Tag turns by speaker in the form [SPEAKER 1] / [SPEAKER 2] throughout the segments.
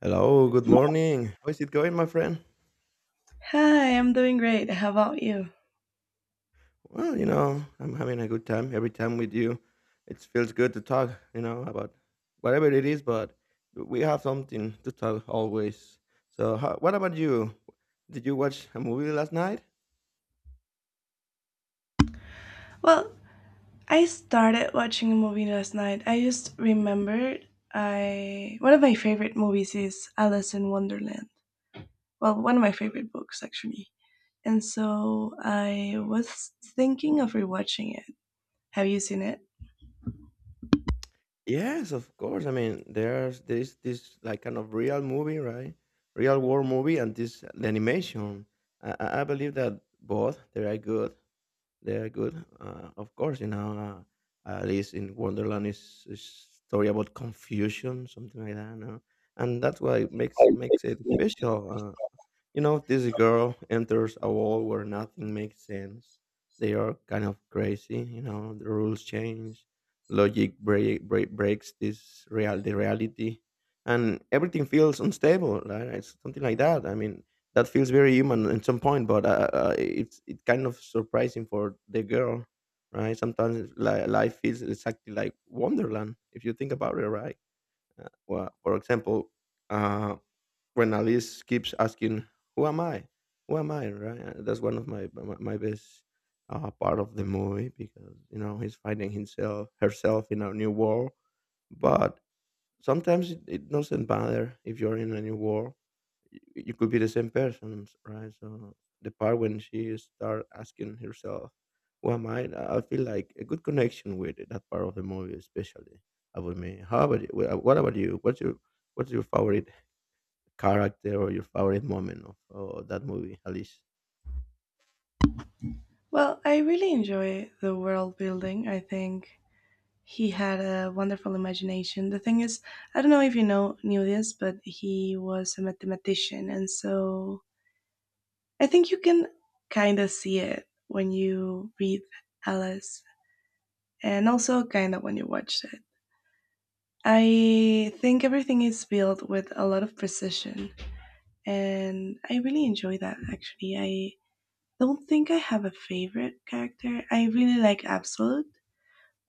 [SPEAKER 1] Hello, good morning. How is it going, my friend?
[SPEAKER 2] Hi, I'm doing great. How about you?
[SPEAKER 1] Well, I'm having a good time every time with you. It feels good to talk, about whatever it is, but we have something to talk always. So, what about you? Did you watch a movie last night?
[SPEAKER 2] Well, I started watching a movie last night. I just remembered I one of my favorite movies is Alice in Wonderland. Well, one of my favorite books actually. And so I was thinking of rewatching it. Have you seen it?
[SPEAKER 1] Yes, of course. I mean, there's this this like kind of real movie, right? Real war movie, and this animation. I believe that both they are good. They are good. Of course, Alice in Wonderland is a story about confusion, something like that. No? And that's why it makes it special. This girl enters a world where nothing makes sense. They are kind of crazy, the rules change, logic breaks this real the reality, and everything feels unstable, right? It's something like that. I mean, that feels very human at some point, but it's kind of surprising for the girl, right? Sometimes life feels exactly like Wonderland if you think about it, right? Well, for example, uh, when Alice keeps asking, "Who am I? Who am I?" Right? That's one of my best part of the movie because he's finding himself herself in a new world. But sometimes it doesn't matter if you're in a new world, y- you could be the same person, right? So the part when she start asking herself, "Who am I?" I feel like a good connection with it, that part of the movie, especially about me. How about you? What about you? What's your favorite character or your favorite moment of that movie, Alice?
[SPEAKER 2] Well, I really enjoy the world building. I think he had a wonderful imagination. The thing is, I don't know if you know knew this, but he was a mathematician, and so I think you can kind of see it when you read Alice and also kind of when you watch it. I think everything is built with a lot of precision and I really enjoy that actually. I don't think I have a favorite character. I really like Absolute,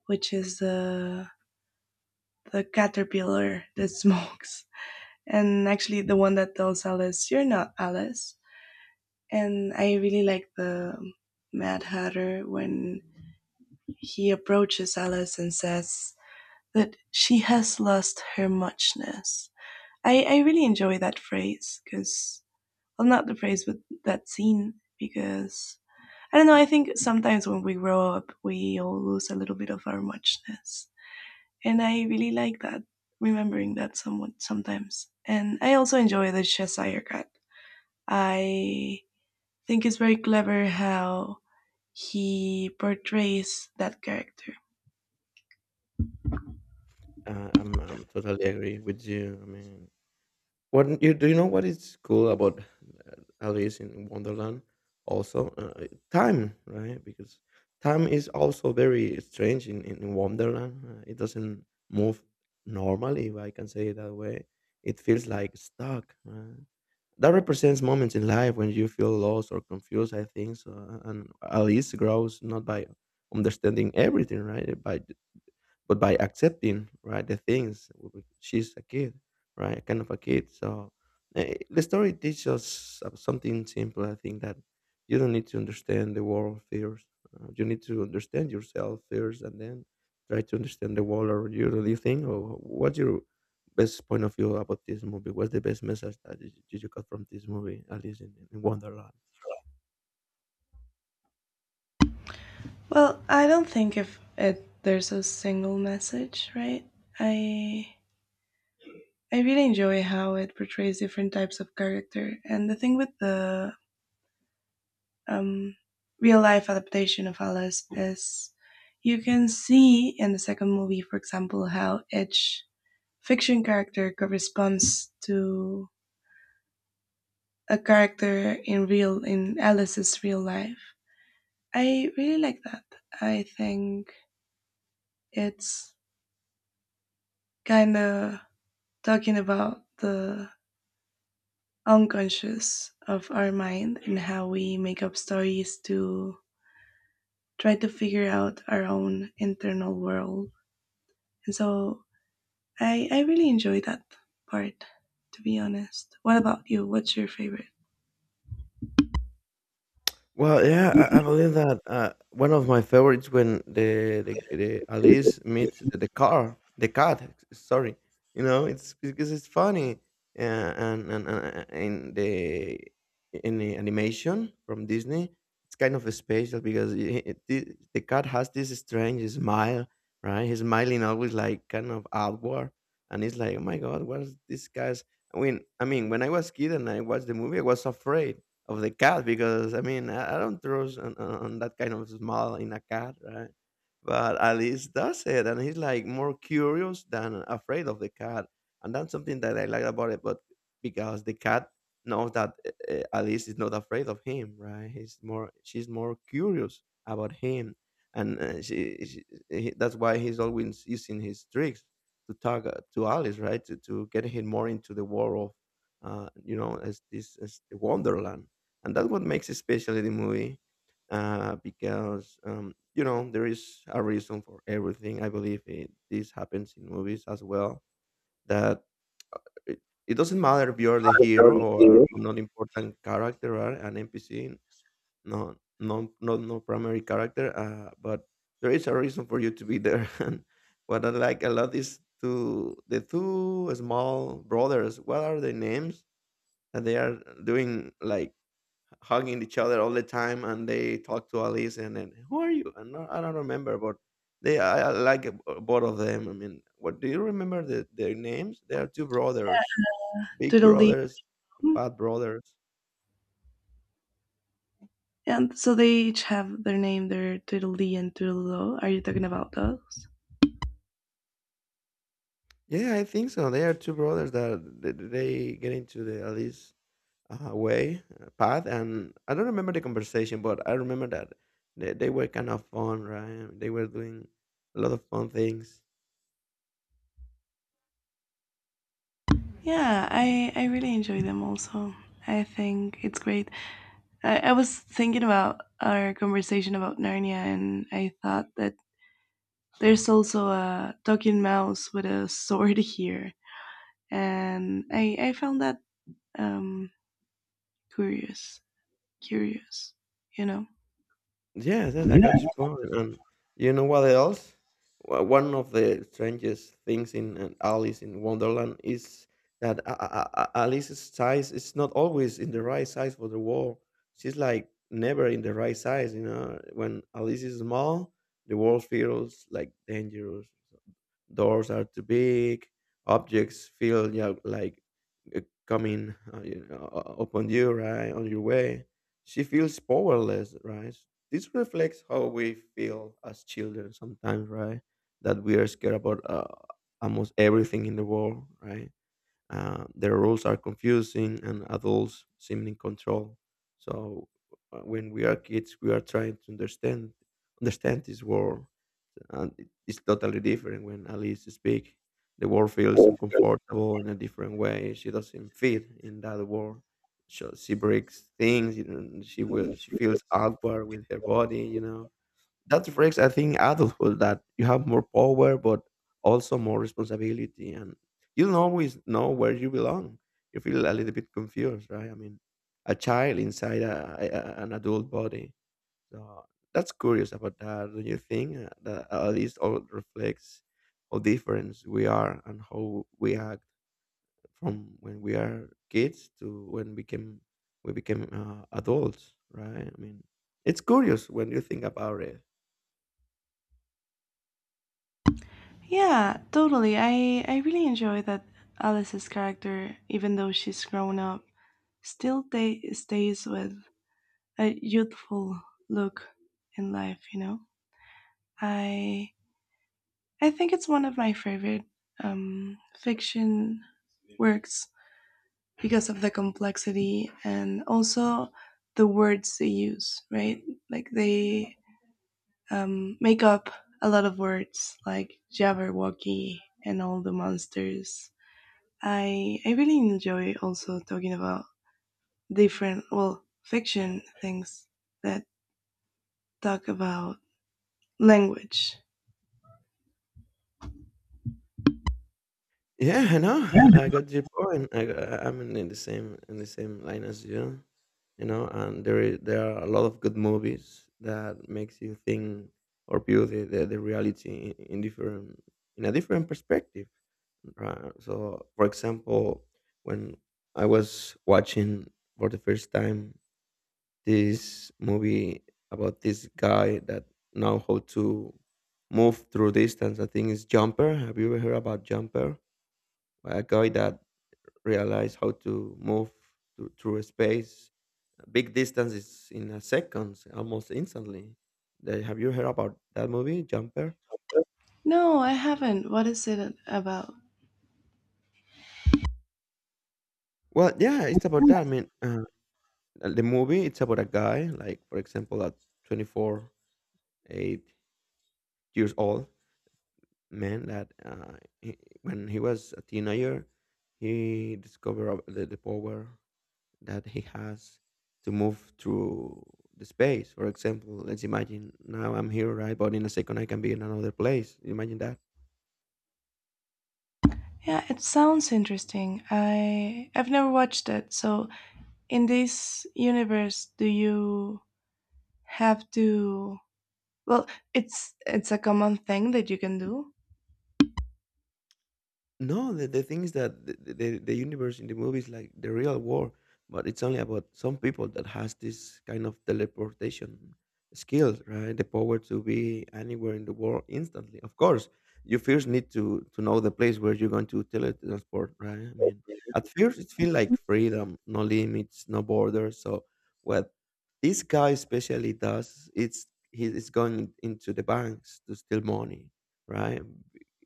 [SPEAKER 2] which is the caterpillar that smokes. And actually the one that tells Alice, "You're not Alice." And I really like the Mad Hatter when he approaches Alice and says that she has lost her muchness. I really enjoy that phrase because, well, not the phrase, but that scene because I don't know. I think sometimes when we grow up, we all lose a little bit of our muchness, and I really like that. Remembering that somewhat sometimes, and I also enjoy the Cheshire Cat. I think it's very clever how he portrays that character.
[SPEAKER 1] I'm totally agree with you. I mean, What you do you know what is cool about Alice in Wonderland? Also, time, right? Because time is also very strange in Wonderland. It doesn't move normally, if I can say it that way. It feels like stuck. That represents moments in life when you feel lost or confused. I think so. And Alice grows not by understanding everything, right? By but by accepting right the things, she's a kid, right, kind of a kid. So the story teaches us something simple, I think, that you don't need to understand the world first. You need to understand yourself first, and then try to understand the world around you. Do you think? Or what's your best point of view about this movie? What's the best message that you got from this movie, Alice in Wonderland?
[SPEAKER 2] Well, I don't think if it there's a single message, right? I I really enjoy how it portrays different types of character, and the thing with the um, real life adaptation of Alice is you can see in the second movie, for example, how each fiction character corresponds to a character in Alice's real life. I really like that. I think it's kind of talking about the unconscious of our mind and how we make up stories to try to figure out our own internal world. And so I really enjoy that part, to be honest. What about you? What's your favorite?
[SPEAKER 1] Well, yeah, I believe that one of my favorites when the Alice meets the cat. Sorry, it's because it's funny, and in the animation from Disney, it's kind of special because the cat has this strange smile, right? He's smiling always like kind of outward, and it's like, oh my god, what is this guy's? I mean, when I was kid and I watched the movie, I was afraid of the cat because I mean I don't trust on that kind of smell in a cat, right? But Alice does it, and he's like more curious than afraid of the cat, and that's something that I like about it. But because the cat knows that Alice is not afraid of him, right? He's more she's more curious about him, and she he, that's why he's always using his tricks to talk to Alice, right? To get him more into the world of as this as the wonderland, and that's what makes it special in the movie because there is a reason for everything. I believe it, this happens in movies as well. That it, it doesn't matter if you're the hero or a non-important character or an NPC, no, no, no, no primary character. But there is a reason for you to be there. And what I like a lot is to the two small brothers. What are their names? And they are doing like hugging each other all the time, and they talk to Alice, and then who are you? And no, I don't remember, but I like both of them. I mean, what do you remember their names? They are two brothers, big
[SPEAKER 2] Doodle.
[SPEAKER 1] brothers, fat brothers.
[SPEAKER 2] And so they each have their name, their Doodle and Doodle. Are you talking about those?
[SPEAKER 1] Yeah, I think so. They are two brothers that they get into the Alice way path, and I don't remember the conversation, but I remember that they were kind of fun, right? They were doing a lot of fun things.
[SPEAKER 2] Yeah, I really enjoy them also. I think it's great. I was thinking about our conversation about Narnia, and I thought that there's also a talking mouse with a sword here, and I found that um curious, curious, you know.
[SPEAKER 1] Yes, yes, I
[SPEAKER 2] Yeah.
[SPEAKER 1] got your point, and you know what else? One of the strangest things in Alice in Wonderland is that Alice's size is not always in the right size for the wall. She's like never in the right size. When Alice is small, the world feels like dangerous. So doors are too big, objects feel, like, uh, coming, upon you, right, on your way. She feels powerless, right? This reflects how we feel as children sometimes, right, that we are scared about almost everything in the world, right? The rules are confusing, and adults seem in control. So when we are kids, we are trying to understand this world, and it's totally different when Alice speaks. The world feels uncomfortable in a different way. She doesn't fit in that world. So she breaks things. You know, and she will. She feels awkward with her body. You know, that reflects, I think, adulthood, that you have more power but also more responsibility, and you don't always know where you belong. You feel a little bit confused, right? I mean, a child inside an adult body. So that's curious about that. Do you think that at least all reflects how different we are and how we act from when we are kids to when we became adults, right? I mean, it's curious when you think about it.
[SPEAKER 2] Yeah, totally. I really enjoy that Alice's character, even though she's grown up, still ta stays with a youthful look in life, you know. I I think it's one of my favorite fiction works because of the complexity and also the words they use, right? Like they make up a lot of words like Jabberwocky and all the monsters. I really enjoy also talking about different well fiction things that talk about language.
[SPEAKER 1] Yeah, I know. I got your point. I'm in the same line as you, you know. And there are a lot of good movies that makes you think or view the reality in a different perspective. Right? So, for example, when I was watching for the first time this movie about this guy that know how to move through distance, I think it's Jumper. Have you ever heard about Jumper? A guy that realized how to move through a space, big distances in a seconds, almost instantly. Have you heard about that movie Jumper?
[SPEAKER 2] No, I haven't. What is it about?
[SPEAKER 1] Well, yeah, it's about that. I mean, the movie it's about a guy like for example a 24 8 years old man that when he was a teenager, he discovered of the power that he has to move through the space. For example, let's imagine now I'm here, right? But in a second I can be in another place. Imagine that.
[SPEAKER 2] Yeah, it sounds interesting. I've never watched it. So in this universe, do you have to? Well, it's a common thing that you can do.
[SPEAKER 1] No, the thing is that the universe in the movie is like the real war, but it's only about some people that has this kind of teleportation skills, right? The power to be anywhere in the world instantly. Of course, you first need to know the place where you're going to teletransport, right? I mean, at first it feels like freedom, no limits, no borders. So what this guy especially does, it's he is going into the banks to steal money, right?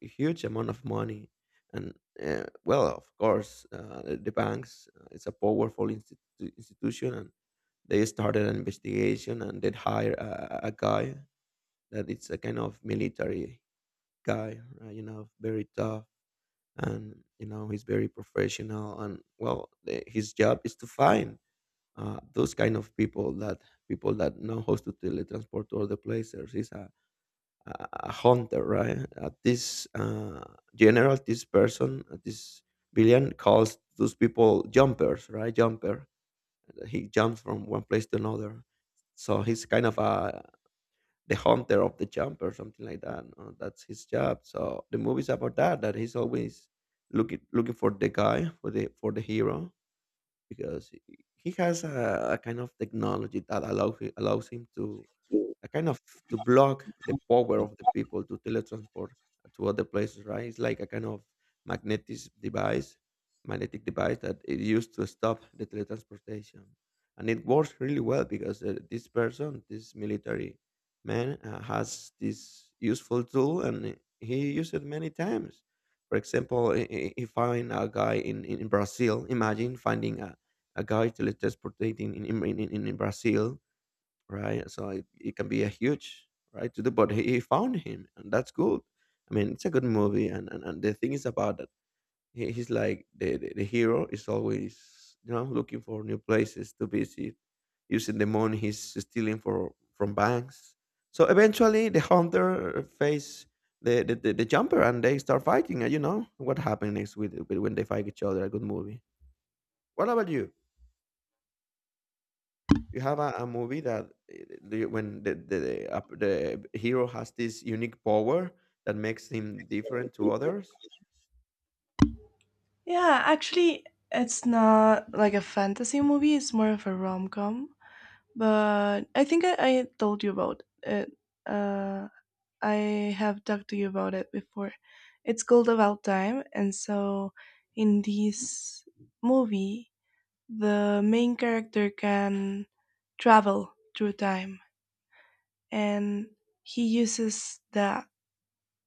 [SPEAKER 1] Huge amount of money, and well of course the banks, it's a powerful institution, and they started an investigation and they hired a guy that it's a kind of military guy, right? You know, very tough, and you know he's very professional, and well his job is to find those kind of people that know how to teletransport to other places. He's a hunter, right? At this general, this person, this villain calls those people jumpers, right? Jumper. He jumps from one place to another. So he's kind of a the hunter of the jumper, something like that. That's his job. So the movie's about that. That he's always looking for the guy, for the hero, because he has a kind of technology that allows him to a kind of to block the power of the people to teletransport to other places, right? It's like a kind of magnetic device, magnetic device that it used to stop the teletransportation, and it works really well because this person, this military man, has this useful tool, and he used it many times. For example, he find a guy in Brazil. Imagine finding a guy teletransportating in Brazil, right? So it can be a huge right to do, but he found him and that's good. I mean, it's a good movie, and the thing is about that he's like the hero is always looking for new places to visit, using the money he's stealing for from banks. So eventually the hunter face the jumper and they start fighting, and what happened next with, when they fight each other, a good movie. What about you? You have a movie that the, when the hero has this unique power that makes him different to others.
[SPEAKER 2] Yeah, actually, it's not like a fantasy movie. It's more of a rom com. But I think I told you about it. Uh, I have talked to you about it before. It's called About Time, and so in this movie, the main character can travel through time and he uses that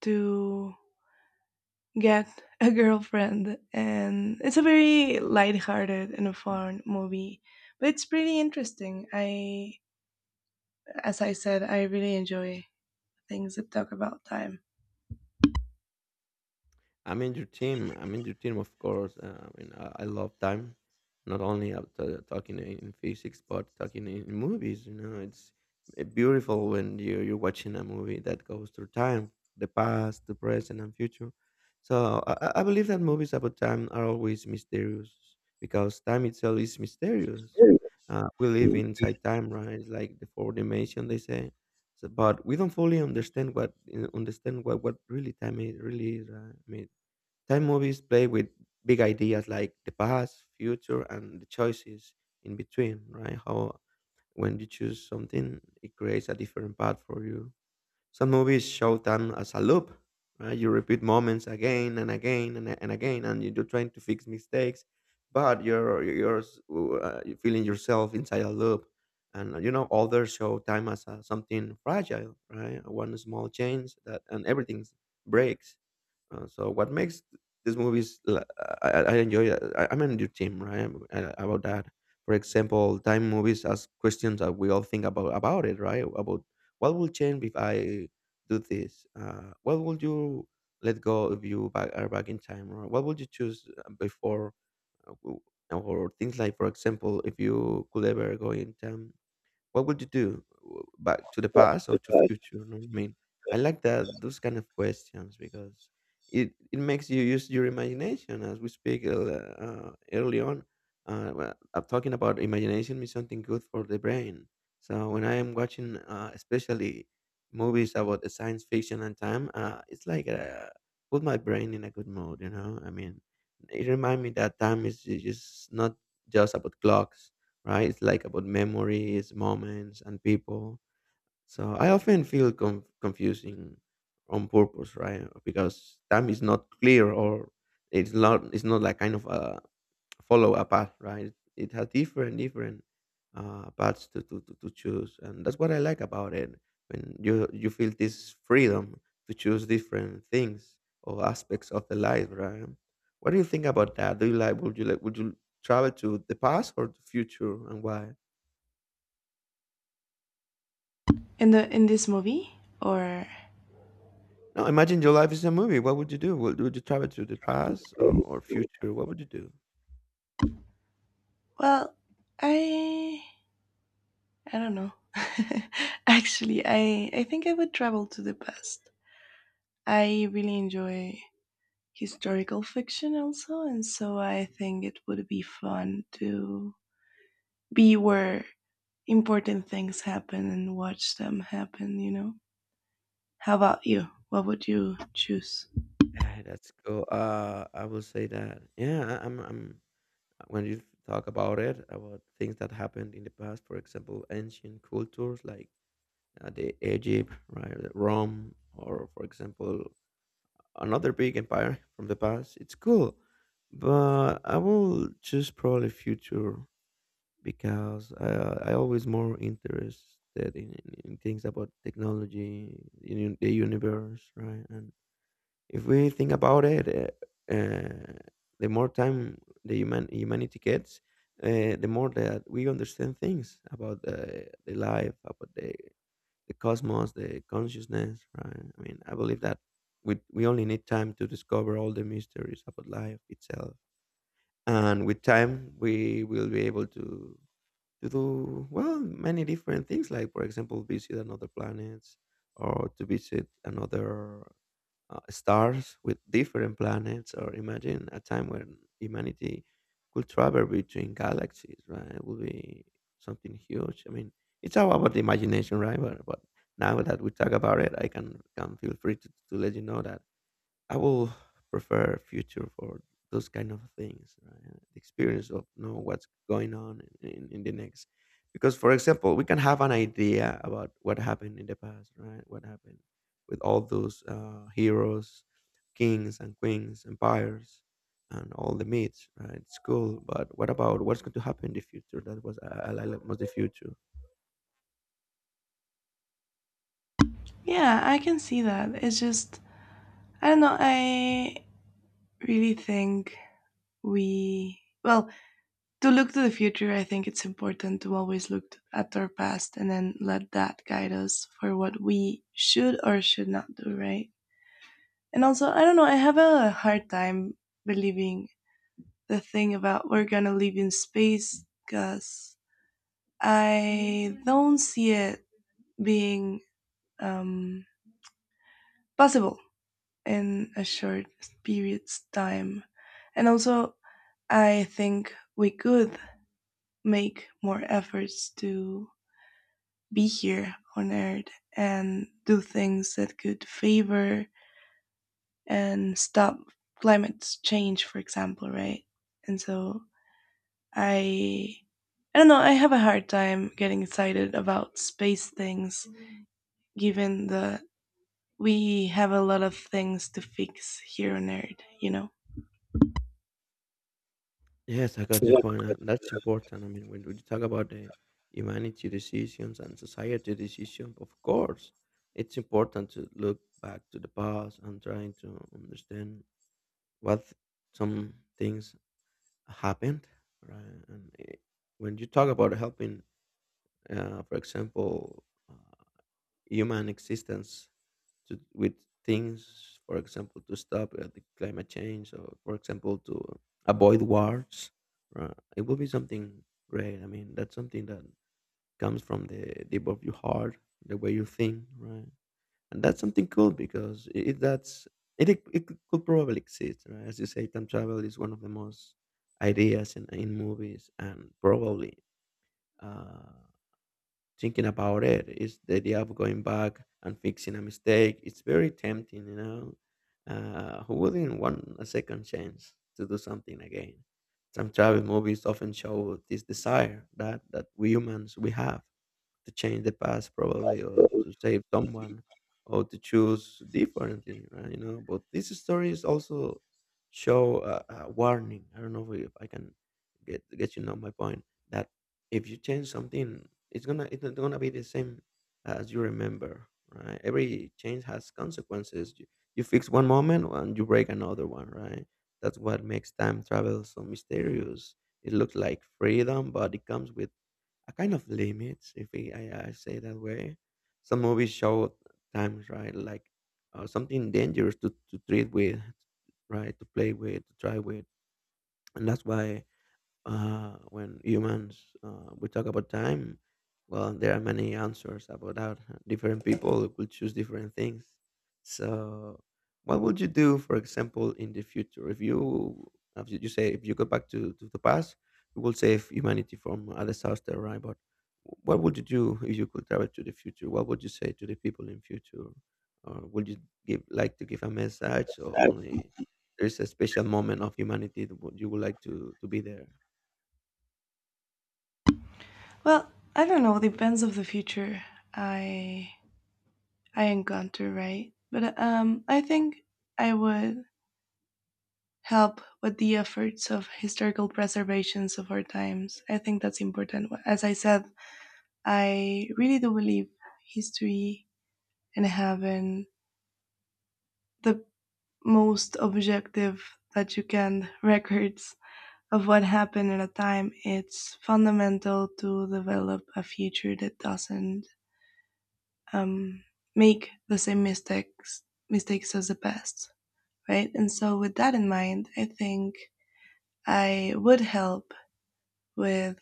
[SPEAKER 2] to get a girlfriend, and it's a very light-hearted and fun movie, but it's pretty interesting. I, as I said, I really enjoy things that talk about time.
[SPEAKER 1] I'm in your team. I'm in your team, of course. I mean, I love time, not only up to talking in physics, but talking in movies. You know, it's beautiful when you're watching a movie that goes through time, the past, the present, and future. So I believe that movies about time are always mysterious because time itself is mysterious. We live inside time, right? It's like the four dimension, they say. So, but we don't fully understand what what really time is, really is. Right? I mean, time movies play with big ideas like the past, future, and the choices in between, right? How when you choose something, it creates a different path for you. Some movies show time as a loop, right? You repeat moments again and again and again, and you're trying to fix mistakes, but you're feeling yourself inside a loop. And you know, others show time as a something fragile, right? One small change that and everything breaks. So what makes these movies l- I enjoy it. I'm on your team, right? About that. For example, time movies ask questions that we all think about it right, about what will change if I do this. What would you let go if you back, are back in time? Or what would you choose before? uh, w- Or things like, for example, if you could ever go in time, what would you do? Back to the past or to future? You know what I mean, I like that those kind of questions because it makes you use your imagination. As we speak early on, well, I'm talking about imagination is something good for the brain. So when I am watching, especially movies about the science fiction and time, it's like put my brain in a good mood. You know, I mean, it reminds me that time is just not just about clocks, right? It's like about memories, moments, and people. So I often feel conf- confusing on purpose, right? Because time is not clear or it's not like kind of a follow a path, right? It has different paths to choose, and that's what I like about it. When you feel this freedom to choose different things or aspects of the life, right? What do you think about that? Do you like would you like would you travel to the past or the future, and why?
[SPEAKER 2] In the in this movie? Or,
[SPEAKER 1] No, imagine your life is a movie. What would you do? Would you travel to the past or future? What would you do?
[SPEAKER 2] well, i I don't know. Actually, I think I would travel to the past. I really enjoy historical fiction also, and so I think it would be fun to be where important things happen and watch them happen, you know? How about you? What would you choose?
[SPEAKER 1] Yeah, that's cool. I will say that. Yeah, I- I'm. I'm. When you talk about it, about things that happened in the past, for example, ancient cultures like the Egypt, right, the Rome, or for example, another big empire from the past. It's cool, but I will choose probably future because I always more interested in things about technology, in the universe, right? And if we think about it, uh, uh, the more time the humanity gets, the more that we understand things about the life, about the cosmos, the consciousness, right? I mean, I believe that we only need time to discover all the mysteries about life itself. And with time, we will be able to do well many different things, like for example visit another planets, or to visit another stars with different planets. Or imagine a time when humanity could travel between galaxies, right? It would be something huge. I mean, it's all about the imagination, right? But now that we talk about it, I can feel free to let you know that I will prefer future for those kind of things, right? The experience of know what's going on in the next. Because, for example, we can have an idea about what happened in the past, right? What happened with all those heroes, kings and queens, empires, and all the myths, right? It's cool, but what about what's going to happen in the future? That was I like most the future.
[SPEAKER 2] Yeah, I can see that. It's just I don't know, I really think we well, to look to the future, I think it's important to always look at our past and then let that guide us for what we should or should not do, right? And also, I don't know, I have a hard time believing the thing about we're gonna live in space because I don't see it being um, possible in a short period's time. And also, I think we could make more efforts to be here on Earth and do things that could favor and stop climate change, for example, right? And so I, I don't know. I have a hard time getting excited about space things, given that we have a lot of things to fix here on Earth. You know.
[SPEAKER 1] Yes, I got your point, and that's important. I mean, when we talk about the humanity decisions and society decisions, of course, it's important to look back to the past and trying to understand what some things happened, right? And when you talk about helping, for example, human existence to with things, for example, to stop the climate change, or for example, to avoid wars. Right? It will be something great. I mean, that's something that comes from the deep of your heart, the way you think, right? And that's something cool because if that's it, it could probably exist, right? As you say, time travel is one of the most ideas in movies and probably. Uh, Thinking about it is the idea of going back and fixing a mistake. It's very tempting, you know. Who wouldn't want a second chance to do something again? Time travel movies often show this desire that we humans we have to change the past probably, or to save someone, or to choose differently, right? But these stories also show a warning. I don't know if I can get my point, that if you change something, it's gonna, it's not gonna be the same as you remember, right? Every change has consequences. You fix one moment and you break another one, right? That's what makes time travel so mysterious. It looks like freedom, but it comes with a kind of limits, if I say that way. Some movies show times, right? Like something dangerous to treat with, right? To play with, to try with. And that's why when humans we talk about time, well, there are many answers about that. Different people will choose different things. So what would you do, for example, in the future? If you if you say, if you go back to the past, you will save humanity from a disaster, right? But what would you do if you could travel to the future? What would you say to the people in future? Or would you give like to give a message? Or only there's a special moment of humanity that you would like to be there?
[SPEAKER 2] Well, I don't know. Depends of the future I I encounter, right? But I think I would help with the efforts of historical preservations of our times. I think that's important. As I said, I really do believe history and having the most objective that you can records of what happened at a time. It's fundamental to develop a future that doesn't um, make the same mistakes as the past, right? And so with that in mind, I think I would help with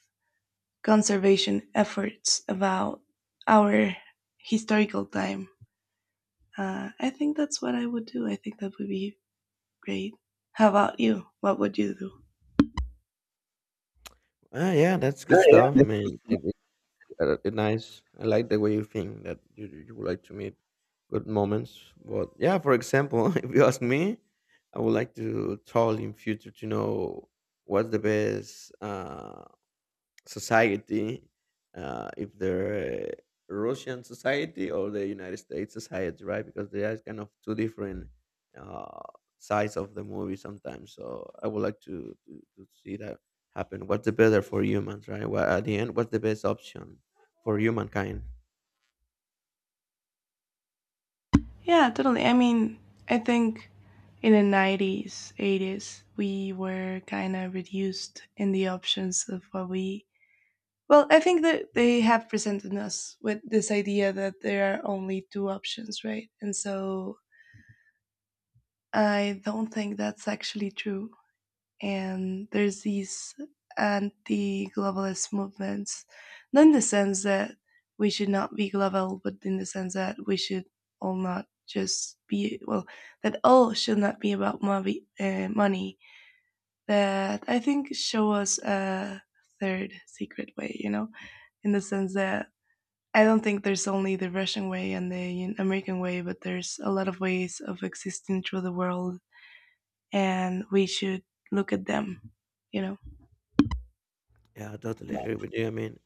[SPEAKER 2] conservation efforts about our historical time. I think that's what I would do. I think that would be great. How about you? What would you do?
[SPEAKER 1] Ah, yeah, that's good stuff. I mean, it nice. I like the way you think that you would like to meet good moments. But yeah, for example, if you ask me, I would like to tell in future to know what's the best. Society, if they're Russian society or the United States society, right? Because they are kind of two different uh, sides of the movie sometimes. So I would like to see that happen. What's the better for humans, right? Well, at the end, what's the best option for humankind?
[SPEAKER 2] Yeah, totally. I mean, I think in the 90s, 80s, we were kind of reduced in the options of what we. Well, I think that they have presented us with this idea that there are only two options, right? And so I don't think that's actually true, and there's these anti-globalist movements, not in the sense that we should not be global, but in the sense that we should all not just be, well, that all should not be about money. Money that I think show us a third secret way, you know, in the sense that I don't think there's only the Russian way and the American way, but there's a lot of ways of existing through the world, and we should look at them, you know.
[SPEAKER 1] Yeah, I totally agree with you. I mean,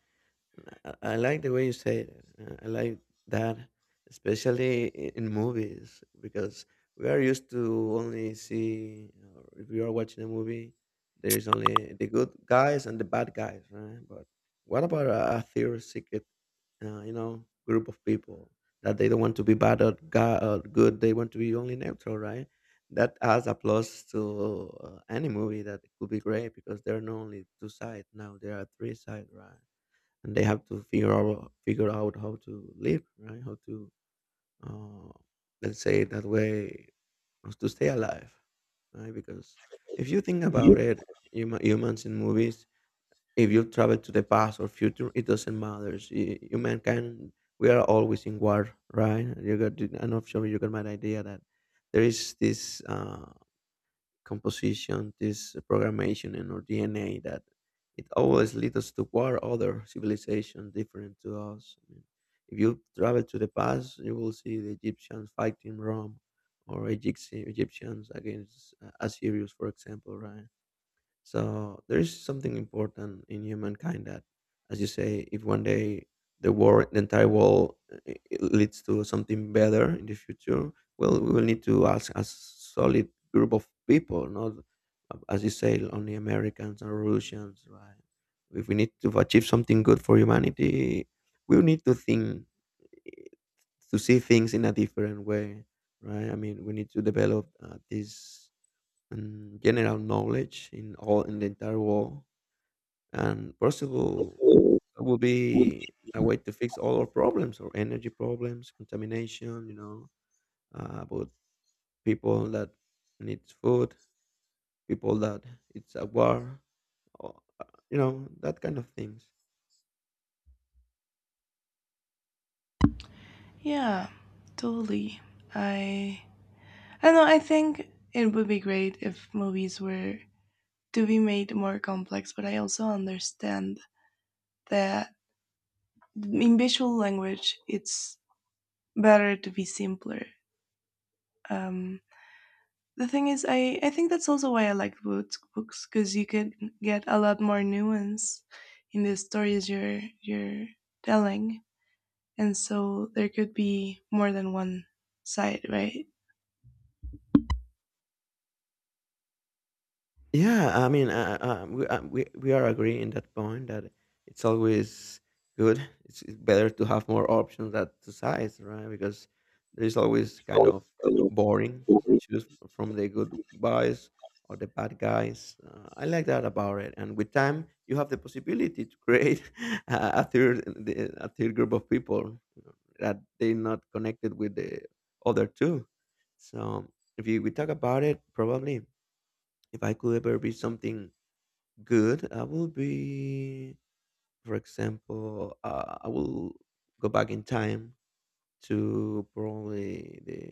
[SPEAKER 1] I like the way you say it. I like that, especially in movies, because we are used to only see, or if you are watching a movie, there's only the good guys and the bad guys, right? But what about a theory secret, you know, group of people that they don't want to be bad, or, or good? They want to be only neutral, right? That adds a plus to any movie that could be great, because there are not only two sides now, there are three sides, right? And they have to figure out how to live, right? How to uh, let's say that way, how to stay alive, right? Because if you think about it, humans in movies, if you travel to the past or future, it doesn't matter. Human can We are always in war, right? You got, I'm not sure you got my idea that there is this. Composition, this programmation in our DNA that it always leads us toward other civilizations different to us. I mean, if you travel to the past, you will see the Egyptians fighting Rome or Egyptians against Assyrians, for example, right? So there is something important in humankind that, as you say, if one day the world, the entire world, it leads to something better in the future, well, we will need to ask a solid group of people, not as you say, only Americans or Russians, right? If we need to achieve something good for humanity, we need to think, eh, to see things in a different way, right? I mean, we need to develop this and general knowledge in all in the entire world and possible, that will be a way to fix all our problems, or energy problems, contamination, about people that needs food, people that it's a war, or, uh, that kind of things.
[SPEAKER 2] Yeah, totally. I I know I think it would be great if movies were to be made more complex, but I also understand that in visual language it's better to be simpler. Um the thing is I think that's also why I like books because you can get a lot more nuance in the stories you're telling, and so there could be more than one side, right?
[SPEAKER 1] Yeah, I mean, we are agreeing in that point that it's always good. It's better to have more options than to size, right? Because there is always kind of boring, choose from the good guys or the bad guys. I like that about it. And with time, you have the possibility to create a a third group of people, that they're not connected with the other two. So if you, we talk about it, probably if I could ever be something good, I will be, for example, I will go back in time to probably the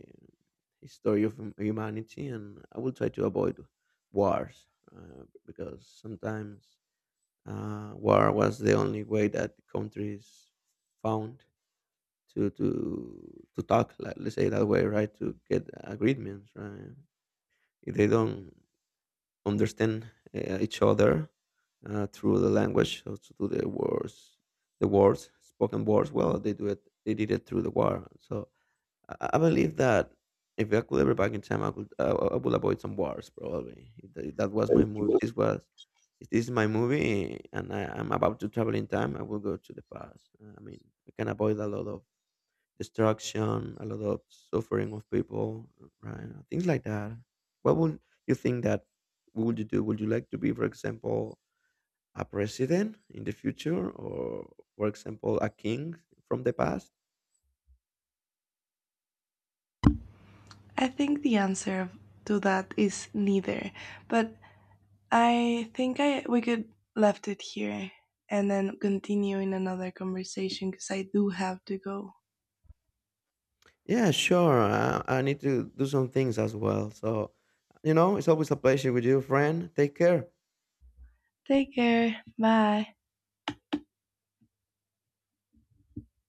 [SPEAKER 1] history of humanity, and I will try to avoid wars, because sometimes war was the only way that countries found to talk. Like, let's say that way, right? To get agreements, right? If they don't understand each other, through the language, so through the words spoken words. Well, they do it. They did it through the war. So I believe that if I could ever back in time, I would avoid some wars probably. If that was my movie. This was. If this is my movie, and I'm about to travel in time, I will go to the past. I mean, we can avoid a lot of destruction, a lot of suffering of people, right? Things like that. What would you think that what would you do? Would you like to be, for example, a president in the future, or for example, a king from the past?
[SPEAKER 2] I think the answer to that is neither, but I think I we could left it here and then continue in another conversation because I do have to go.
[SPEAKER 1] Yeah, sure. I need to do some things as well. So, you know, it's always a pleasure with you, friend. Take care.
[SPEAKER 2] Take care. Bye.